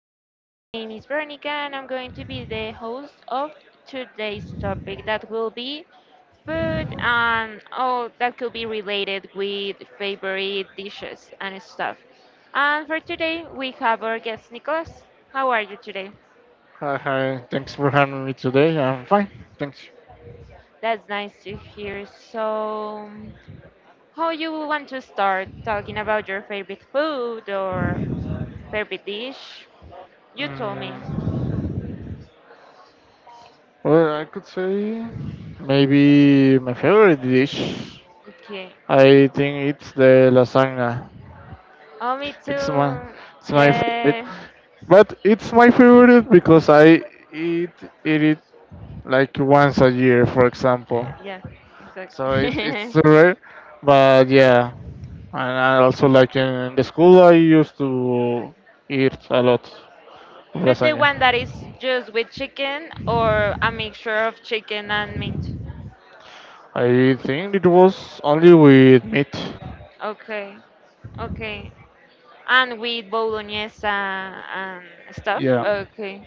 My name is Veronica, and I'm going to be the host of today's topic that will be food and all that could be related with favorite dishes and stuff. And for today, we have our guest, Nicholas. How are you today? hi. Thanks for having me today. I'm fine. Thanks. That's nice to hear. So, how you want to start talking about your favorite food or favorite dish? You told me. Mm, well, I could say maybe my favorite dish. Okay. I think it's the lasagna. Oh, me It's my too. it's my favorite, Yeah. But it's my favorite because I eat eat it like once a year, for example. Yeah, So it's exactly. rare, but yeah. And I also like in the school I used to eat a lot, But the lasagna. one that is just with chicken or a mixture of chicken and meat. I think it was only with meat. Okay. Okay. And with bolognese and stuff. Yeah, Okay.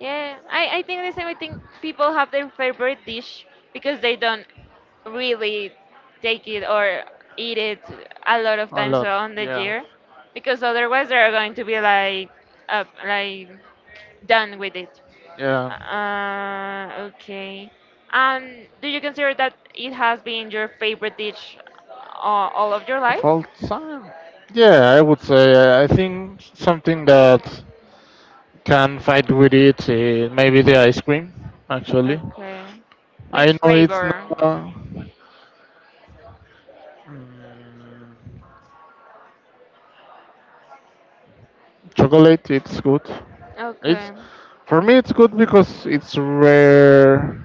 Yeah, I think the same. I think people have their favorite dish because they don't really take it or eat it a lot of a times lot. on the Yeah, year, because otherwise they're going to be like done with it. yeah. Okay. Do you consider that it has been your favorite dish uh, all of your Of life? all time. Yeah, I would say. I think something that can fight with it. Maybe the ice cream. Actually, Okay. I Which know it's flavor? not chocolate. It's good. It's Okay. for me. It's good because it's rare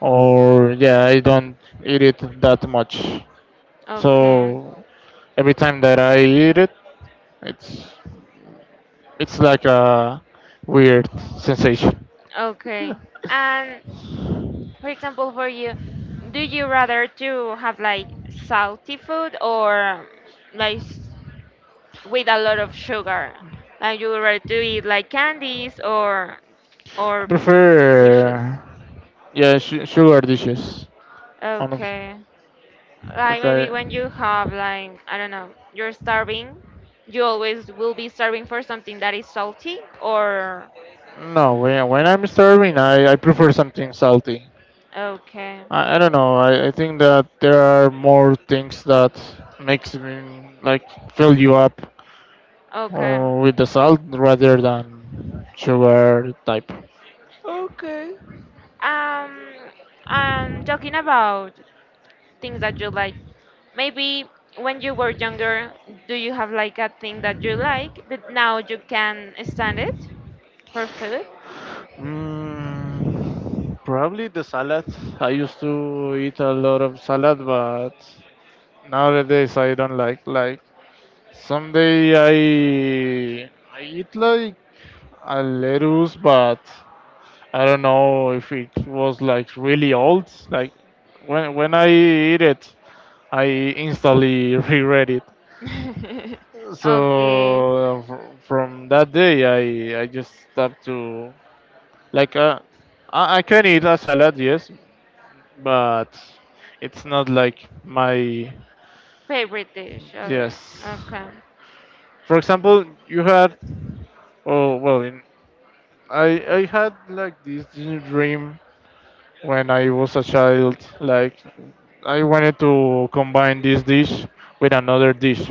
or yeah, I don't eat it that much. Okay. So every time that I eat it, it's it's like a weird sensation. Okay. And for example, for you, do you rather to have like salty food or like with a lot of sugar? Like you would rather to eat like candies or I or dishes? prefer yeah, su sugar dishes, honestly. Okay. Like Okay. maybe when you have like I don't know, you're starving, you always will be starving for something that is salty or. No, when I'm starving, I prefer something salty. Okay. I don't know. I think that there are more things that makes me like fill you up Okay. With the salt rather than sugar type. Okay. Um, I'm talking about things that you like? Maybe when you were younger, do you have like a thing that you like, but now you can stand it for food? Probably the salad. I used to eat a lot of salad, but nowadays I don't like. Like someday I I eat like a lettuce, but I don't know if it was like really old. Like when I eat it, I instantly reread it. Okay. So from that day, I just stopped to like. I can eat a salad, yes, but it's not like my. Favorite dish or. Yes. Okay. For example, you had oh well, I had like this dream when I was a child, like I wanted to combine this dish with another dish.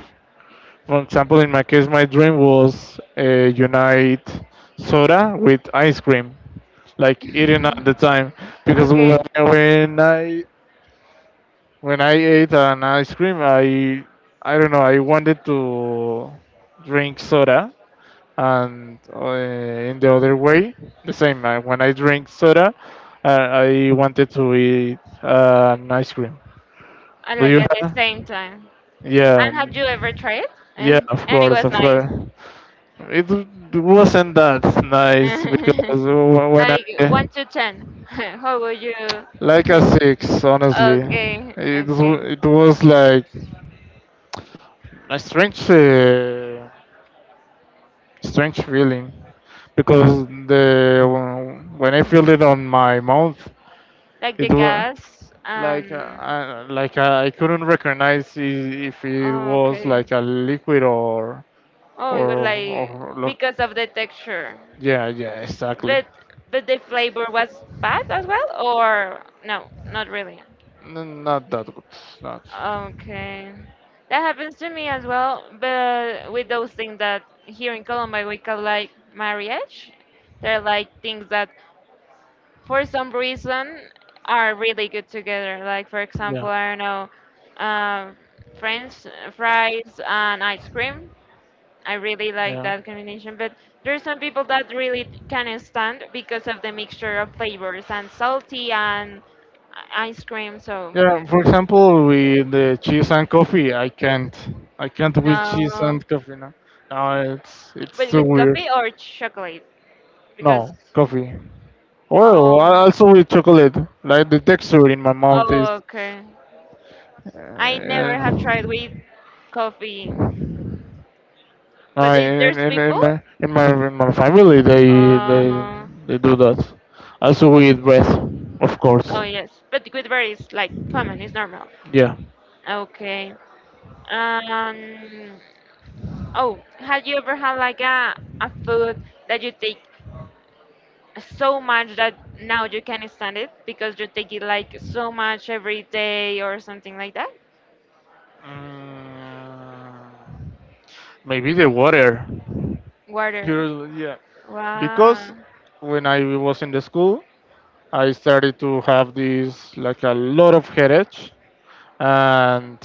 For example, in my case, my dream was unite soda with ice cream, like eating at the time. Because when Okay. I when I, when I ate an ice cream, I don't know. I wanted to drink soda, and in the other way, the same. When I drink soda, I wanted to eat an ice cream. I Do like you at the have? same time. Yeah, And have you ever tried it? yeah, of And it course, was of nice. course. It wasn't that nice because when Like one I, to ten. How would you? like a six, honestly, Okay, it okay. it was like a strange feeling, because the when I felt it on my mouth, Like the it was gas like and. Like I couldn't recognize if it was Okay. like a liquid or Oh, it was or, like or look. because of the texture. Yeah, yeah, exactly. But but the flavor was bad as well, or no, not really. Not that good. Not. Okay. That happens to me as well, but with those things that here in Colombia we call like marriage, they're like things that for some reason are really good together. Like for Yeah. example, I don't know, um, French fries and ice cream. I really like Yeah. that combination, but there's some people that really can stand because of the mixture of flavors and salty and ice cream. So Yeah, for example, with the cheese and coffee, I can't. I can't with cheese no, and coffee. No, no, it's but too with weird. coffee or chocolate because No, coffee. Or um also with chocolate, like the texture in my mouth is. oh, okay, Uh, I never have tried with coffee, no, but it, in, there's in, in people. my in my in my family, they they Uh, they do that. Also with bread, of oh, course. yes, but with berries like common is normal. Yeah. Okay. Um, Oh, have you ever had like a food that you take so much that now you can't stand it because you take it like so much every day or something like that? Mm. Maybe the water. Water. Yeah, because Wow. when I was in the school, I started to have this like a lot of headache, and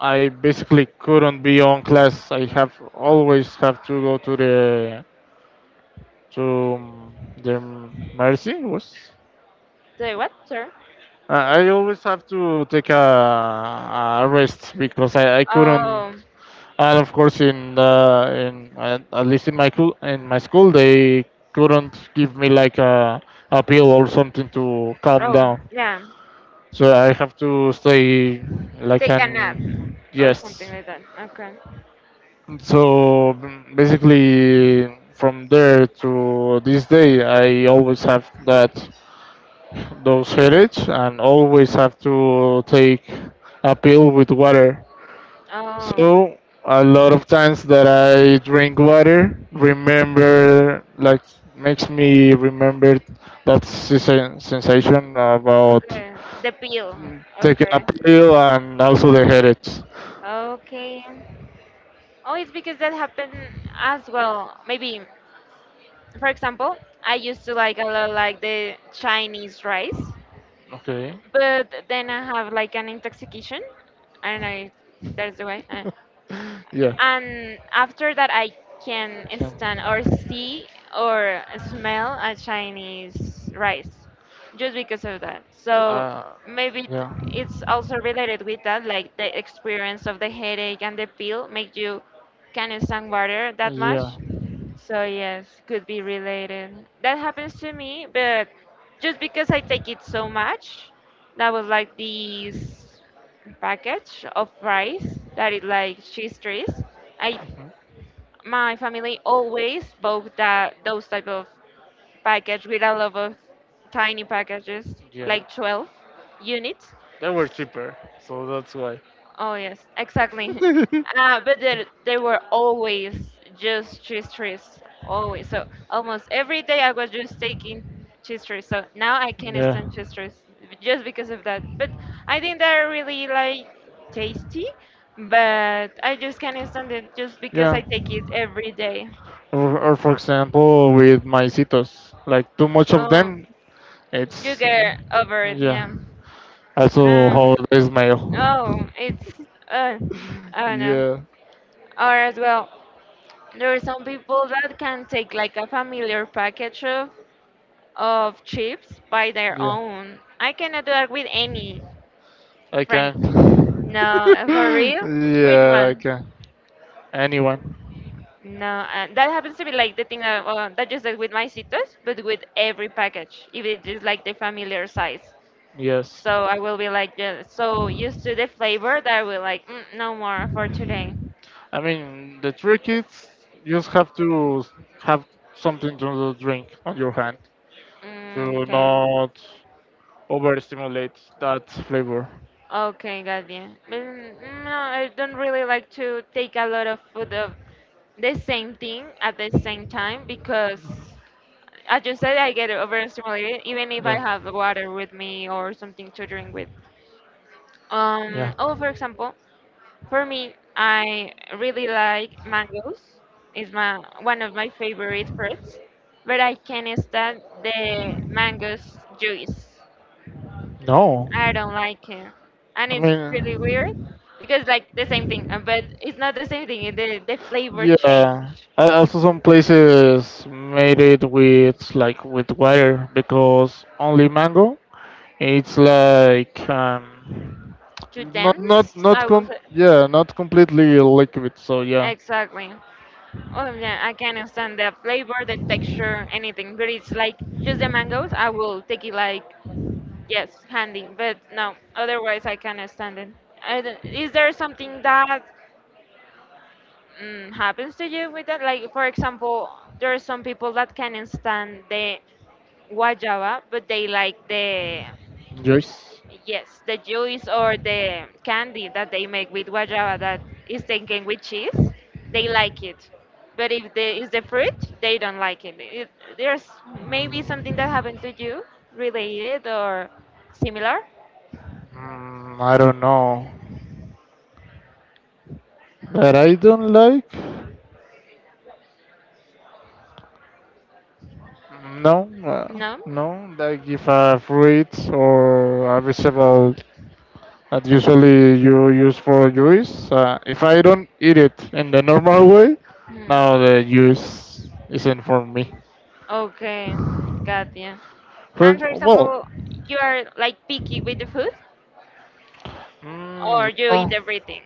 I basically couldn't be on class. I have always have to go to to um, the mercy was. Say what, sir? I always have to take a rest because I couldn't, Oh, and of course in at least in in my school they couldn't give me like a pill or something to calm oh, down. yeah. So I have to stay like Take a nap an, or yes. something like that. Okay. So basically from there to this day I always have that, those headaches, and always have to take a pill with water. Oh, So a lot of times that I drink water, remember like makes me remember that sensation about okay. The pill. taking Okay. a pill and also the headaches. Okay. Oh, it's because that happened as well. Maybe for example, I used to like a lot like the Chinese rice, Okay. but then I have like an intoxication. I don't know if that's the way. Yeah. And after that, I can Can. stand or see or smell a Chinese rice just because of that. So Uh, maybe it- yeah. it's also related with that, like the experience of the headache and the pill make you can't stand water that Yeah. much, so yes, could be related. That happens to me, but just because I take it so much, that was like this package of rice that is like cheese trees. I Mhm. My family always bought that those type of package with a lot of tiny packages, like 12 units. They were cheaper, so that's why. Oh yes, exactly. Exactly. But they were always just cheese trees, always. So almost every day I was just taking cheese trees. So now I can't Yeah. stand The pictures. cheese trees just because of that. But I think they're really like tasty, but I just can't stand it just because Yeah. I take it I every day. Or, for example, with maicitos, like too much of Um, them. you It's get over it, yeah. yeah. Also, Um, how old is mayo? oh, it's uh, I don't know. Yeah. Or as well, there are some people that can take like a familiar package of chips by their Yeah, own. I cannot do that with any I friend. can. No, for real? Which Yeah, I one? can. Anyone? No, that happens to be like the thing that just said with my citos, but with every package, if it is like the familiar size. Yes. So I will be like yeah, so used to the flavor that I will like no more for today. I mean, the trick is you just have to have something to drink on your hand, Mm, to okay. not overstimulate that flavor. Okay, got you. But no, I don't really like to take a lot of food of the same thing at the same time because, as you said, I get overstimulated even if I Yeah, have water with me or something to drink with. yeah. Oh, for example, for me, I really like mangoes. It's my one of my favorite fruits, but I can't stand the mangoes juice. No, I don't like it. And I it's really weird mean, because like the same thing, but it's not the same thing. The flavor yeah. change. I also some places made it with like with water because only mango. It's like Too not not dense, I not will com say. yeah, not completely liquid. So yeah. Exactly. Oh yeah, I can not understand the flavor, the texture, anything. But it's like just the mangoes. I will take it like yes, handy. But no, otherwise I can't stand it. I don't- Is there something that happens to you with that? Like for example, there are some people that can't stand the guayaba, but they like the, Yes. yes, the juice or the candy that they make with guayaba that is taken with cheese. They like it, but if the is the fruit, they don't like it. It. There's maybe something that happened to you related or similar. I don't know. But I don't like. No, No. no. Like if I've, or a vegetable that usually you use for juice, if I don't eat it in the normal way, Hmm. now the juice isn't for me. Okay, got you. And for Well, example, you are like picky with the food, or you eat no, everything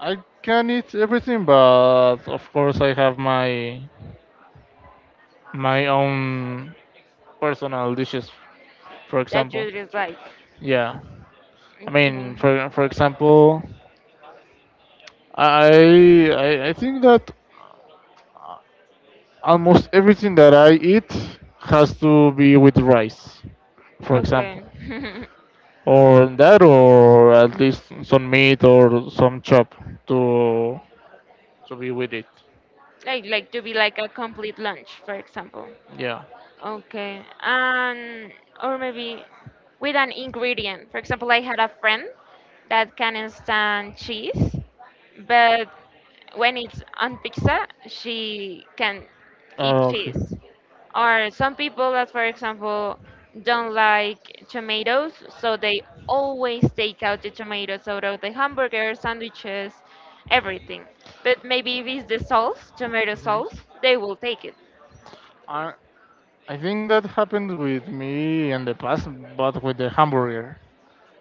I can eat everything, but of course I have my own personal dishes, for that example. you dislike. Yeah, I mean, Okay. for example, I think that almost everything that I eat has to be with rice, for example, Okay. or that, or at least some meat or some chop to to be with it. Like to be like a complete lunch, for example. Yeah. Okay. Or maybe with an ingredient. For example, I had a friend that can stand cheese, but when it's on pizza, she can eat Oh, okay. cheese. Or some people that, for example, don't like tomatoes, so they always take out the tomatoes out of the hamburgers, sandwiches, everything. But maybe if it's the sauce, tomato Mhm. sauce, they will take it. I I think that happened with me in the past, but with the hamburger,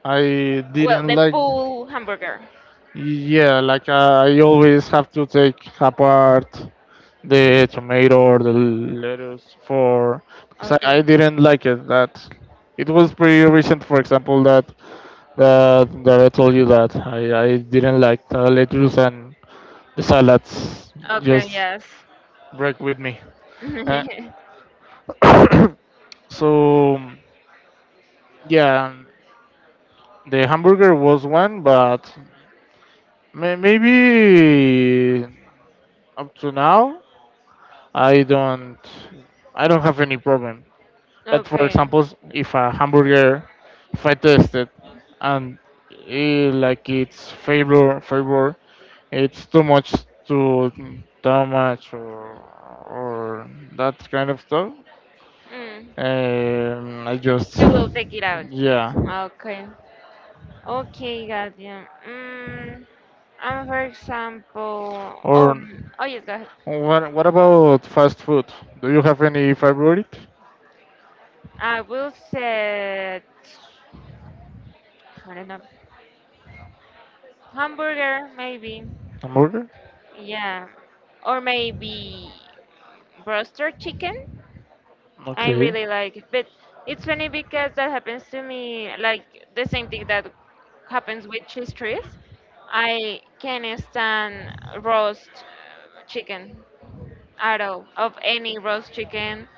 I Well, didn't the like. full hamburger. Yeah, like I always have to take apart the tomato or the lettuce for, because I Okay. didn't like it. That it was pretty recent, for example, that I told you that I didn't like the lettuce and the salads Okay, just yes. break with me. Uh, so yeah, the hamburger was one, but maybe up to now I don't I don't have any problem. But for Okay. example, if a hamburger, if I test it and like its flavor, it's too too much or that kind of stuff. Mm. I just, You will take it out. yeah. Okay. Okay, got you. Mm. And for example, oh, Or, oh yes, go ahead. what about fast food? Do you have any favorite I will set, I don't know, hamburger maybe. hamburger? Yeah. Or maybe roaster chicken. I Okay. really like it. But it's funny because that happens to me, like the same thing that happens with cheese trees. I can't stand roast chicken at all of any roast chicken.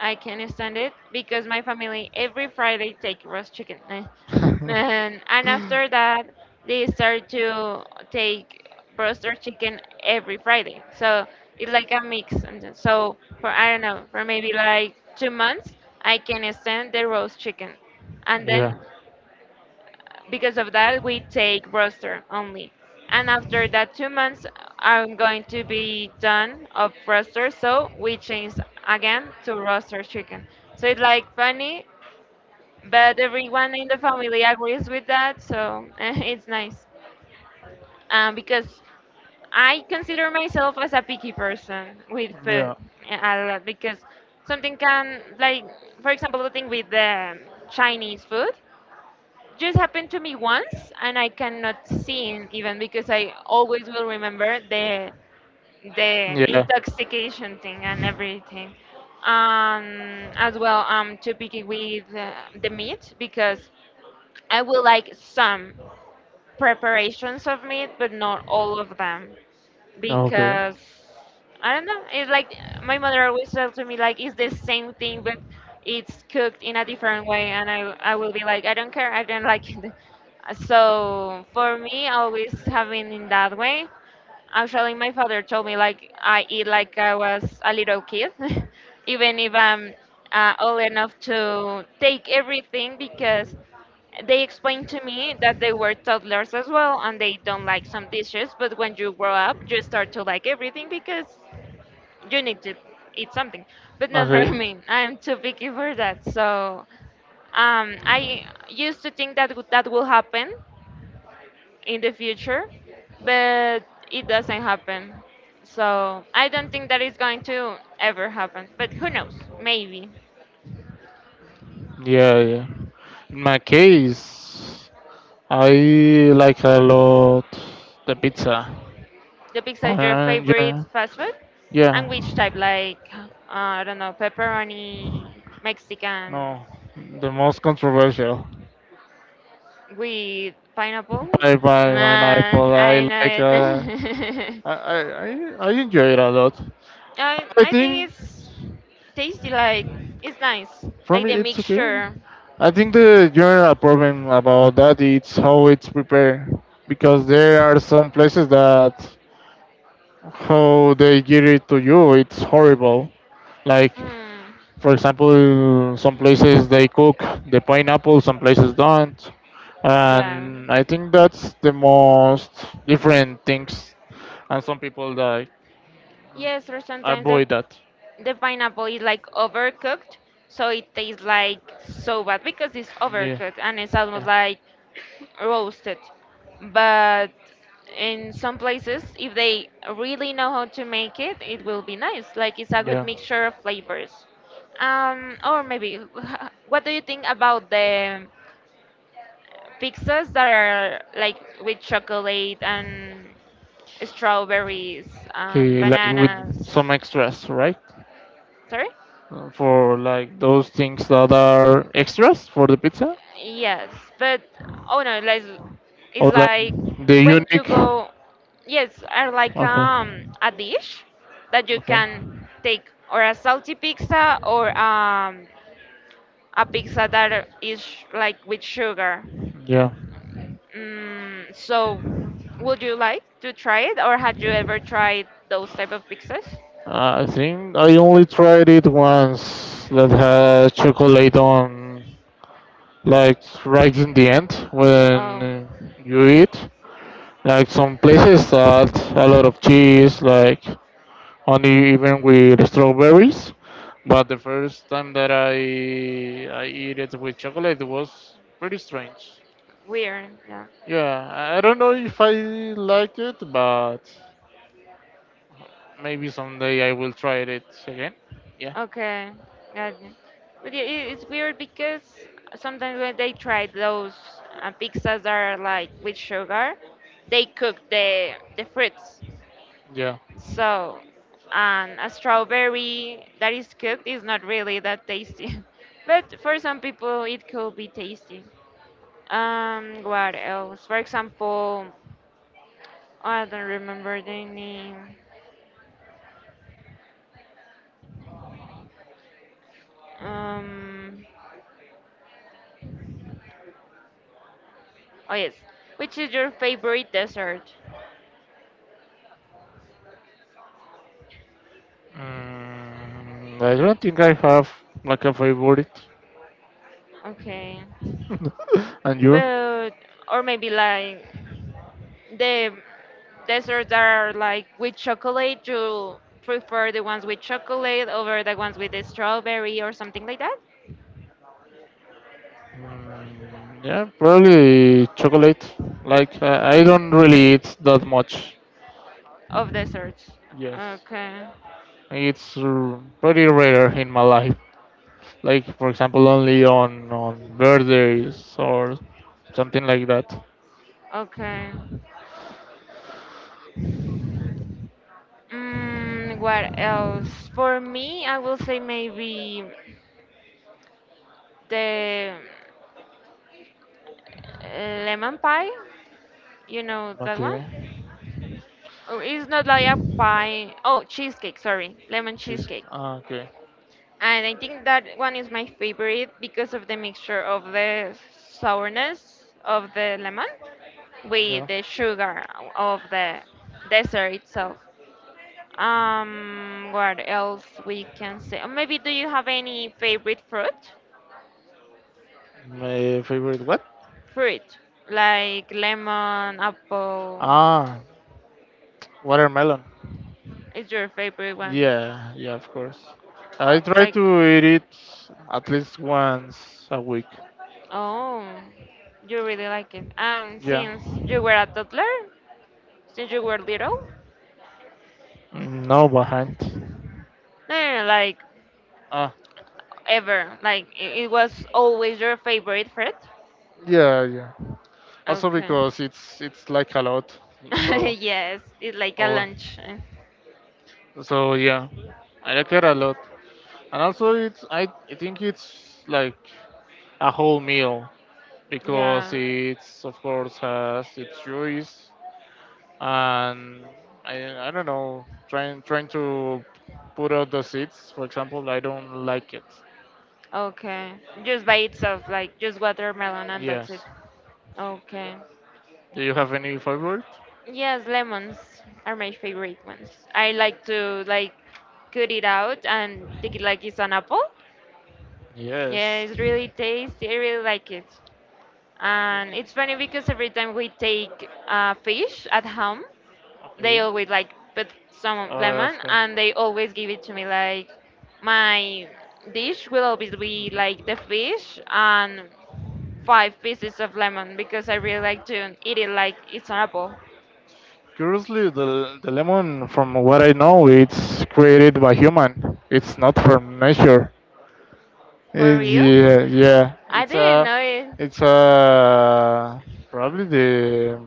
I can't stand it because my family every Friday take roast chicken. Eh. And after that, they start to take roaster chicken every Friday. So it's like a mix. So for, I don't know, for maybe like 2 months, I can stand the roast chicken. And Yeah. then because of that, we take roster only. And after that, 2 months are going to be done of roster, so we change again to roster chicken. So it's like funny, but everyone in the family agrees with that, so it's nice. Because I consider myself as a picky person with food Yeah. a lot because something can like, for example, the thing with the Chinese food just happened to me once and I cannot sing even because I always will remember the Yeah. intoxication thing and everything. As well, I'm too picky with the meat because I will like some, preparations of meat, but not all of them Okay. because I don't know. It's like my mother always tells to me like it's the same thing, but it's cooked in a different way, and I will be like I don't care, I don't like it. So for me, always having in that way. Actually, my father told me like I eat like I was a little kid, even if I'm old enough to take everything because. They explained to me that they were toddlers as well and they don't like some dishes, but when you grow up, you start to like everything because you need to eat something. But not for me. I'm too picky for that. So I used to think that will happen in the future, but it doesn't happen. So I don't think that is going to ever happen. But who knows? Maybe. Yeah, yeah. In my case, I like a lot the pizza. The pizza is your And favorite yeah, fast food? And yeah. which type? Like, I don't know, pepperoni, Mexican, No, the most controversial. with pineapple? Bye bye, Man, pineapple. I I like. know it. I enjoy it a lot. I, I I think think it's tasty, like, it's nice. for Like me the it's okay. mixture. I think the general problem about that is how it's prepared, because there are some places that how they give it to you it's horrible, like, Mm, for example, some places they cook the pineapple, some places don't, yeah. and I think that's the most different things, and some people that Yes, or sometimes the, avoid that. the pineapple is like overcooked, so it tastes like so bad because it's Yeah, overcooked and it's almost yeah. like roasted. But in some places, if they really know how to make it, it will be nice. Like it's a good Yeah. mixture of flavors. Um, or maybe, what do you think about the pizzas that are that like with chocolate and strawberries and Okay, like with bananas? some extras, right? Sorry? For like those things that are extras for the pizza, Yes, but oh no, like it's or like like the when you unique, are go, yes, are like okay, a dish that you okay, can take or a salty pizza or a pizza that is like with sugar. yeah. So would you like to try it or had you ever tried those type of pizzas? I think I only tried it once that had chocolate on, like right in the end Oh, when you eat. Like some places add a lot of cheese, like only even with strawberries. But the first time that I eat it with chocolate, it was pretty strange. weird, yeah. Yeah, I don't know if I liked it, but maybe someday I will try it again. Yeah, Okay, got it. But yeah, it's weird because sometimes when they try those pizzas that are like with sugar, they cook the fruits. yeah. So, and a strawberry that is cooked is not really that tasty. But for some people, it could be tasty. What else? For example, oh, I don't remember the name. Um, oh yes. Which is your favorite dessert? I don't think I have like a favorite. Okay. And you? But or maybe like the desserts that are like with chocolate, you prefer the ones with chocolate over the ones with the strawberry or something like that Yeah, probably chocolate. Like I don't really eat that much. of desserts. Yes, Okay, it's pretty rare in my life. Like for example, only on birthdays or something like that. okay. What else? For me, I will say maybe the lemon pie, you know that one? Okay, Oh, it's not like a pie, oh cheesecake, sorry, lemon cheese. cheesecake. Ah, okay. And I think that one is my favorite because of the mixture of the sourness of the lemon with Yeah. the sugar of the dessert itself. What else we can say? Or maybe do you have any favorite fruit? My favorite what? Fruit, like lemon, apple. Ah, watermelon. Is your favorite one? Yeah, yeah, of course. I try Like, to eat it at least once a week. oh, you really like it. And Yeah. since you were a toddler, since you were little, No behind. no, no, no, like Ah, ever. Like it was always your favorite fruit. yeah, yeah. Also Okay. because it's like a lot. So, Yes, it's like a oh, lunch, eh. so yeah, I like it a lot. And also it's I think it's like a whole meal, because Yeah. it's of course has its joys, and I don't know, trying to put out the seeds, for example, I don't like it. Okay. Just by itself, like just watermelon, and that's it. Yes, Okay. do you have any favorite? Yes, lemons are my favorite ones. I like to like cut it out and take it like it's an apple. Yeah, Yes. it's really tasty. I really like it. And it's funny because every time we take fish at home, they Okay. always like put some lemon Okay. and they always give it to me like my dish will always be like the fish and 5 pieces of lemon because I really like to eat it like it's an apple. Curiously, the lemon, from what I know, it's created by human, it's not from nature. For real? Yeah, yeah. I didn't know it, It's a probably the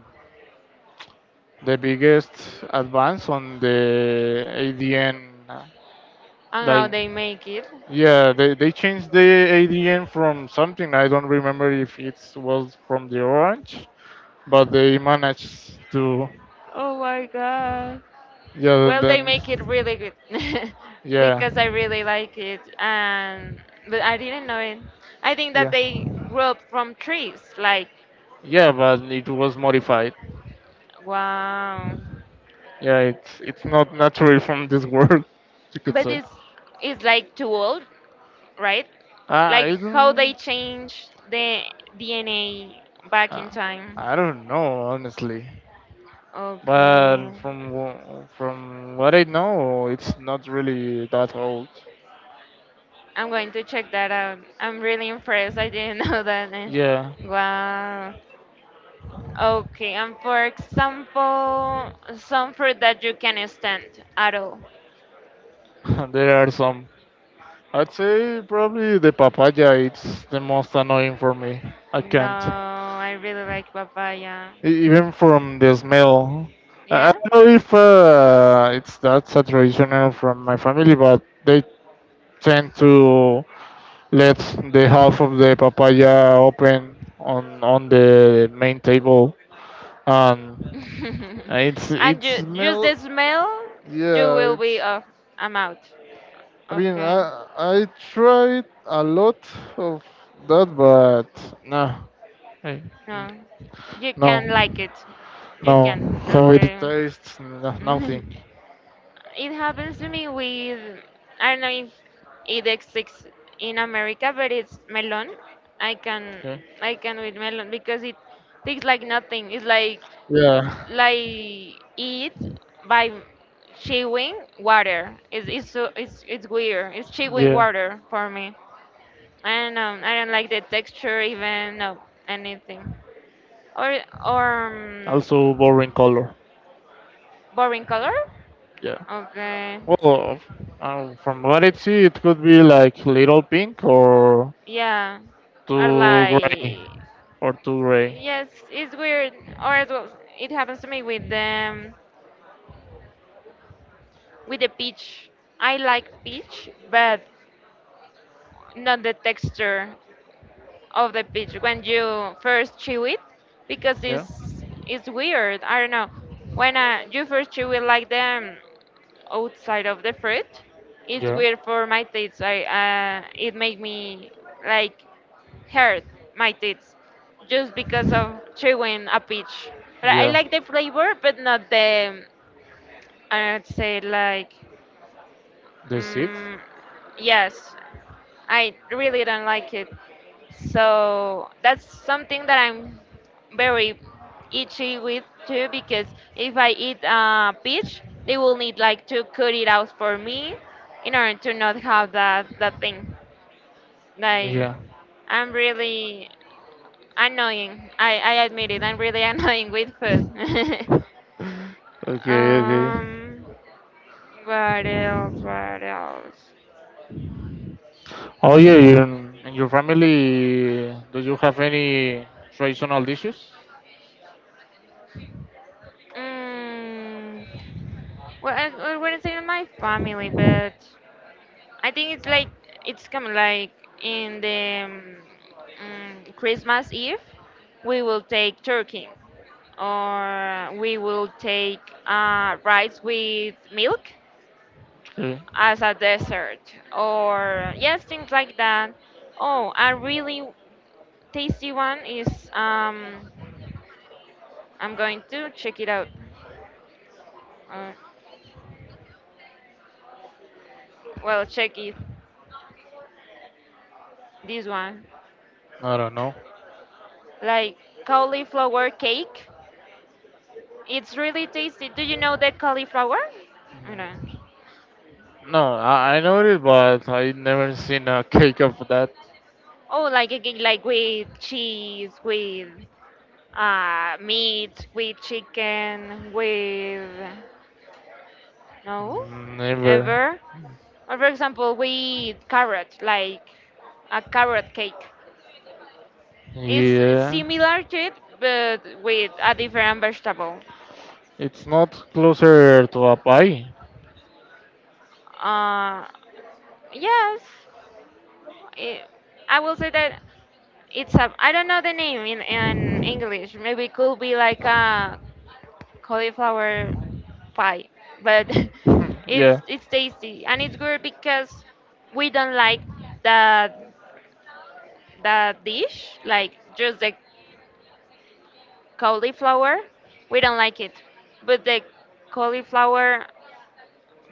the biggest advance on the ADN. and how they Like, make it. yeah, they changed the ADN from something. I don't remember if it was from the orange, but they managed to. Oh my god. Yeah, Well, they then make it really good yeah, because I really like it, and but I didn't know it. I think that yeah. they grew up from trees, like Yeah, but it was modified. wow. Yeah, it's not natural from this world, you could But say. It's like too old, right? Uh, Like I how they don't, change the DNA back in uh, time. I don't know honestly, but Okay, from from what I know, it's not really that old. I'm going to check that out. I'm really impressed. I didn't know that. Eh, Yeah, wow. Okay, and for example, some fruit that you can stand at all. there are some. I'd say probably the papaya. It's the most annoying for me. I No, can't. I really like papaya. Even from the smell. I Yeah. don't know if it's that's a traditional from my family, but they tend to let the half of the papaya open on the main table, and it's it Just smell. the smell, you Yeah, will be it's. off. I'm out. I mean, Okay. I tried a lot of that, but no, I, No. You no, can like it. You no. can. How it Okay. tastes, no, It nothing. happens to me with, I don't know if it exists in America, but it's melon. I can Yeah. I can with melon because it tastes like nothing. It's Yeah. like eat by chewing water. It's weird. It's chewing Yeah. water for me. I don't know. I don't like the texture, even no anything. Or or um, Also boring color. Boring color. Yeah. Okay, Well, from what I see, it could be like little pink or yeah, or too gray like too gray. yes, it's weird. Or as well, it happens to me with the peach. I like peach, but not the texture of the peach when you first chew it because Yeah. It's weird. I don't know. When you first chew it like them outside of the fruit. It's Yeah. weird for my teeth. I It make me like hurt my teeth just because of chewing a peach. But I Yeah. like the flavor, but not the, I'd say like, The seat. mm, yes, I really don't like it. So that's something that I'm very itchy with too because if I eat a peach, they will need like to cut it out for me in order to not have that thing. Like Yeah. I'm really annoying. I admit it. I'm really annoying with food. Okay, okay. um, what else? What else? Oh yeah, you, in your family, do you have any traditional dishes? Mm, I wouldn't say my family, but. I think it's like it's come like in the Christmas Eve, we will take turkey or we will take rice with milk Okay. as a dessert or yes things like that. Oh, a really tasty one is I'm going to check it out. Uh, well, check it, this one, I don't know. like, cauliflower cake. It's really tasty. Do you know the cauliflower? I know. No, I know it, but I never seen a cake of that. Oh, like again, like with cheese, with meat, with chicken, with no, Never. ever. Or for example, with carrot, like a carrot cake. It's Yeah. similar to it, but with a different vegetable. It's not closer to a pie. Uh, yes, it, I will say that it's a, I don't know the name in English. Maybe it could be like a cauliflower pie, but Yeah. it's tasty and it's good because we don't like the the dish like just the cauliflower. We don't like it, but the cauliflower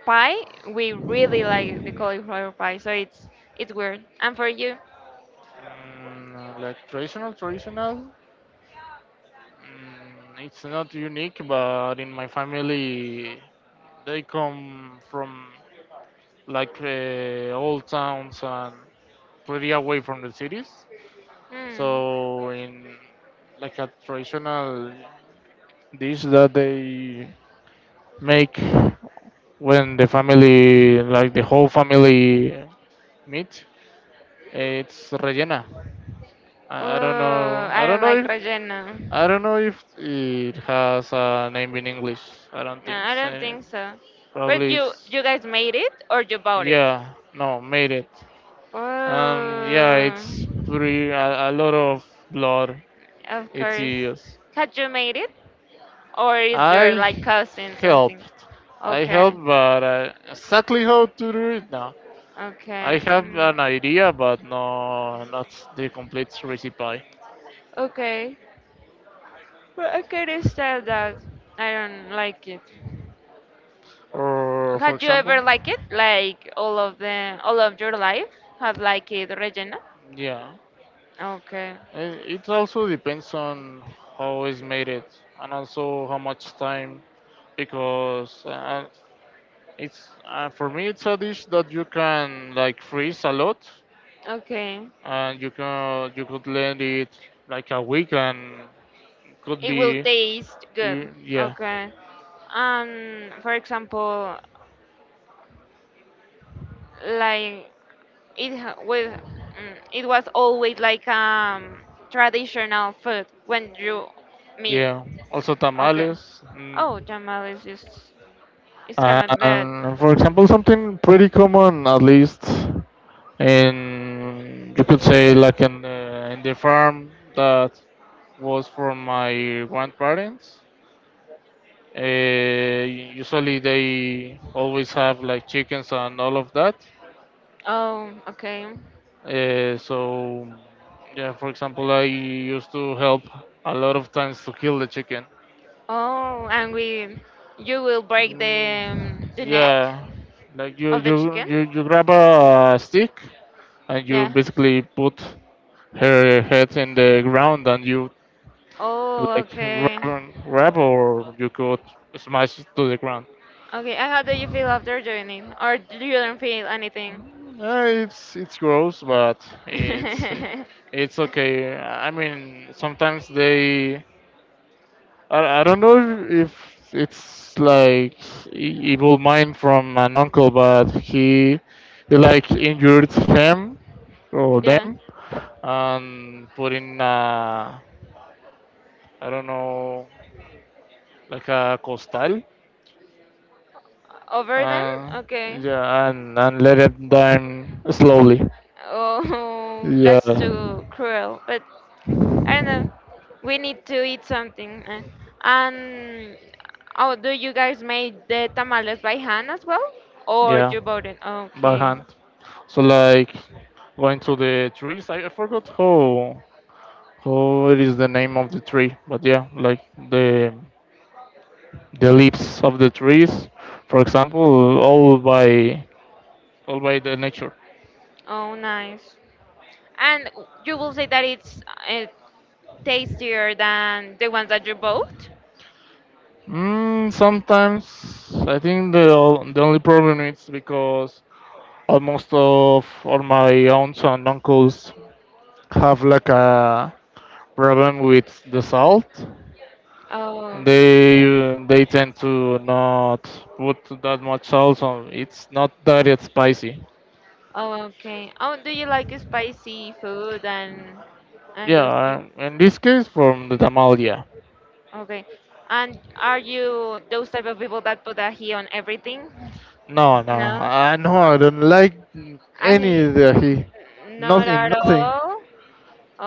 pie, we really like the cauliflower pie. So it's weird. And for you, Mm, like traditional. Mm, it's not unique, but in my family, they come from like old towns and pretty away from the cities. hmm, So in like a traditional dish that they make when the family, like the whole family, meet. It's rellena. I don't oh, know. I I don't don't know like if relleno. I don't know if it has a name in English. I don't No, think I don't so. think so. But Probably you it's you guys made it or you bought it? yeah. No, made it. Yeah, it's Oh, pretty a lot of blood. of It's course. used. Had you made it or is there like I cousins and things? helped. I Okay, helped, but exactly how to do it, no. I okay, have mm, an idea, but no, not the complete recipe. okay. But I can understand that. I don't like it. Or, for Had you example, ever like it? Like all of your life have like it, Regina? yeah, Okay, it also depends on how it's made it and also how much time because it's for me it's a dish that you can like freeze a lot okay. and you can you could let it like a week and could It will be taste good. you, yeah. Okay. And for example, like with it was always like traditional food when you meet. Yeah, also Okay. tamales. Mm. Oh, tamal is just it's camembert. And for example, something pretty common, at least in you could say like in in the farm that was from my grandparents. Uh, usually they always have like chickens and all of that. Oh, okay. So yeah, for example, I used to help a lot of times to kill the chicken. Oh, and we You will break Mm, the neck yeah, like you of the you chicken. you you grab a stick and you Yeah. basically put her head in the ground and you Oh, like okay. Grab or you could smash it to the ground. Okay. And how do you feel after doing it, or do you don't feel anything? It's gross, but it's it's okay. I mean, sometimes they I don't know if it's like evil mind from an uncle, but he like injured him. So Yeah. them and put in I don't know like a costal. Over them? Uh, Okay. yeah, and let it down slowly. Oh, Yeah, that's too cruel. But I don't know. We need to eat something, eh. And oh, do you guys make the tamales by hand as well? Or yeah, you bought it? by Okay. hand. So like going to the trees. I forgot how it is the name of the tree, but yeah, like the leaves of the trees, for example, all by the nature. Oh, nice. And you will say that it's uh, tastier than the ones that you bought? Mm, sometimes I think the the only problem is because almost of all my aunts and uncles have like a problem with the salt. Oh, They tend to not put that much salt, so it's not that it's spicy. oh, okay. Oh, do you like spicy food and those Yeah, things? in this case from the tamal, yeah. Okay. And are you those type of people that put ají on everything? No, no, No, I know I don't like ají, any of the ají. not Not at in nothing. all. Oh,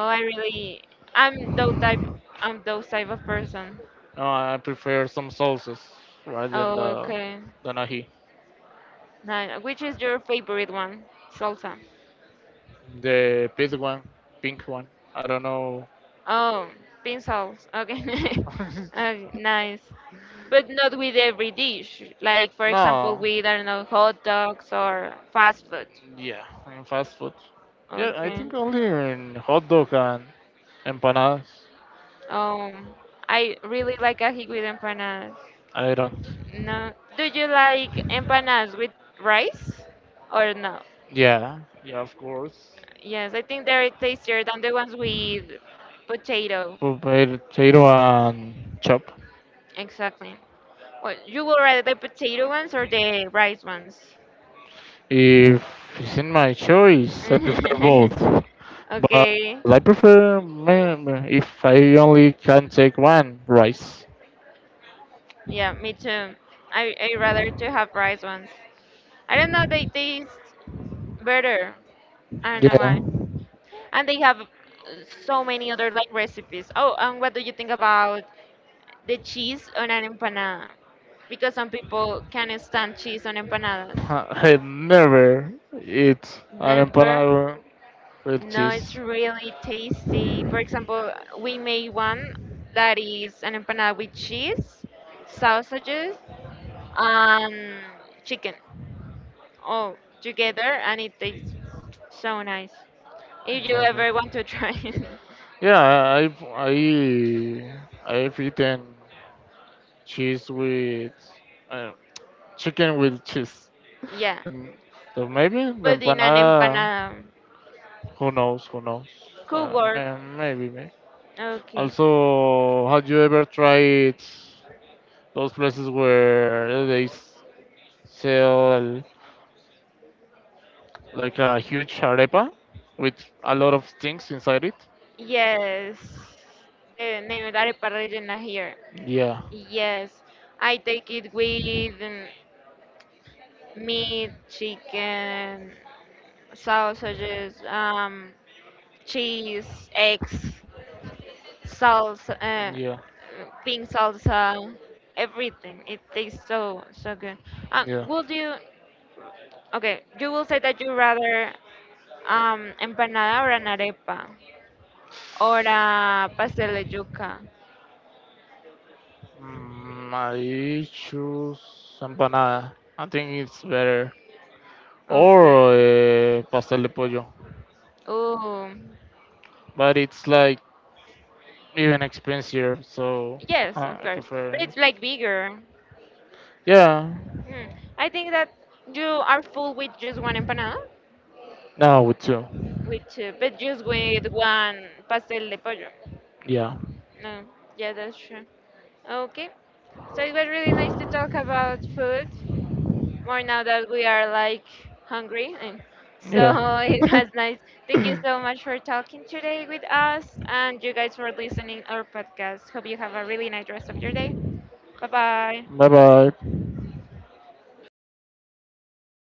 I really, I'm those type, I'm those type of person. No, I prefer some sauces rather than Oh, okay. the nahi. Nice. Which is your favorite one? Salsa. The pink one, pink one. I don't know. Oh, bean sauce. Okay. Okay, nice. But not with every dish. Like for example, No. with I don't know hot dogs or fast food. Yeah, in fast food. Yeah, I Okay. think only in hot dog and empanadas. Um, I really like ají with empanadas. I don't. No, do you like empanadas with rice or no? Yeah, yeah, of course. Yes, I think they're tastier than the ones with potato. Po- Potato and chop. Exactly. Well, you will rather the potato ones or the rice ones? If it's in my choice, I prefer both. But Okay. I prefer mm, if I only can take one rice. Yeah, me too. I rather to have rice ones. I don't know, they taste better. I don't know Yeah, why. And they have so many other like recipes. Oh, and what do you think about the cheese on an empanada? Because some people can't stand cheese on empanadas. I never eat an Never. empanada with No, it's cheese. really tasty. For example, we made one that is an empanada with cheese, sausages, and chicken all together, and it tastes so nice. If you Never. ever want to try it, Yeah, I I've eaten cheese with uh, chicken with cheese, yeah, and so maybe the but in an empanada. empanada. Who knows? Who knows? Cowork. Maybe, maybe. Okay. Also, have you ever tried those places where they sell like a huge arepa with a lot of things inside it? Yes. The name of arepa rellena here. Yeah. Yes. I take it with meat, chicken, sausages, cheese, eggs, salsa, Yeah. pink salsa, everything. It tastes so so good. Yeah. Would you? Okay, you will say that you rather empanada or an arepa or a pastel de yuca. Mm, I choose empanada. I think it's better. Or Okay. Pastel de pollo, Oh, but it's like even expensive, so yes, of I course. But prefer. it's like bigger. Yeah, Hmm. I think that you are full with just one empanada, no, with two. with two, but just with one pastel de pollo. Yeah, No, yeah, that's true. Okay. So it was really nice to talk about food, more now that we are like hungry. And yeah. so it was nice. Thank you so much for talking today with us and you guys for listening our podcast. Hope you have a really nice rest of your day. Bye bye. Bye bye.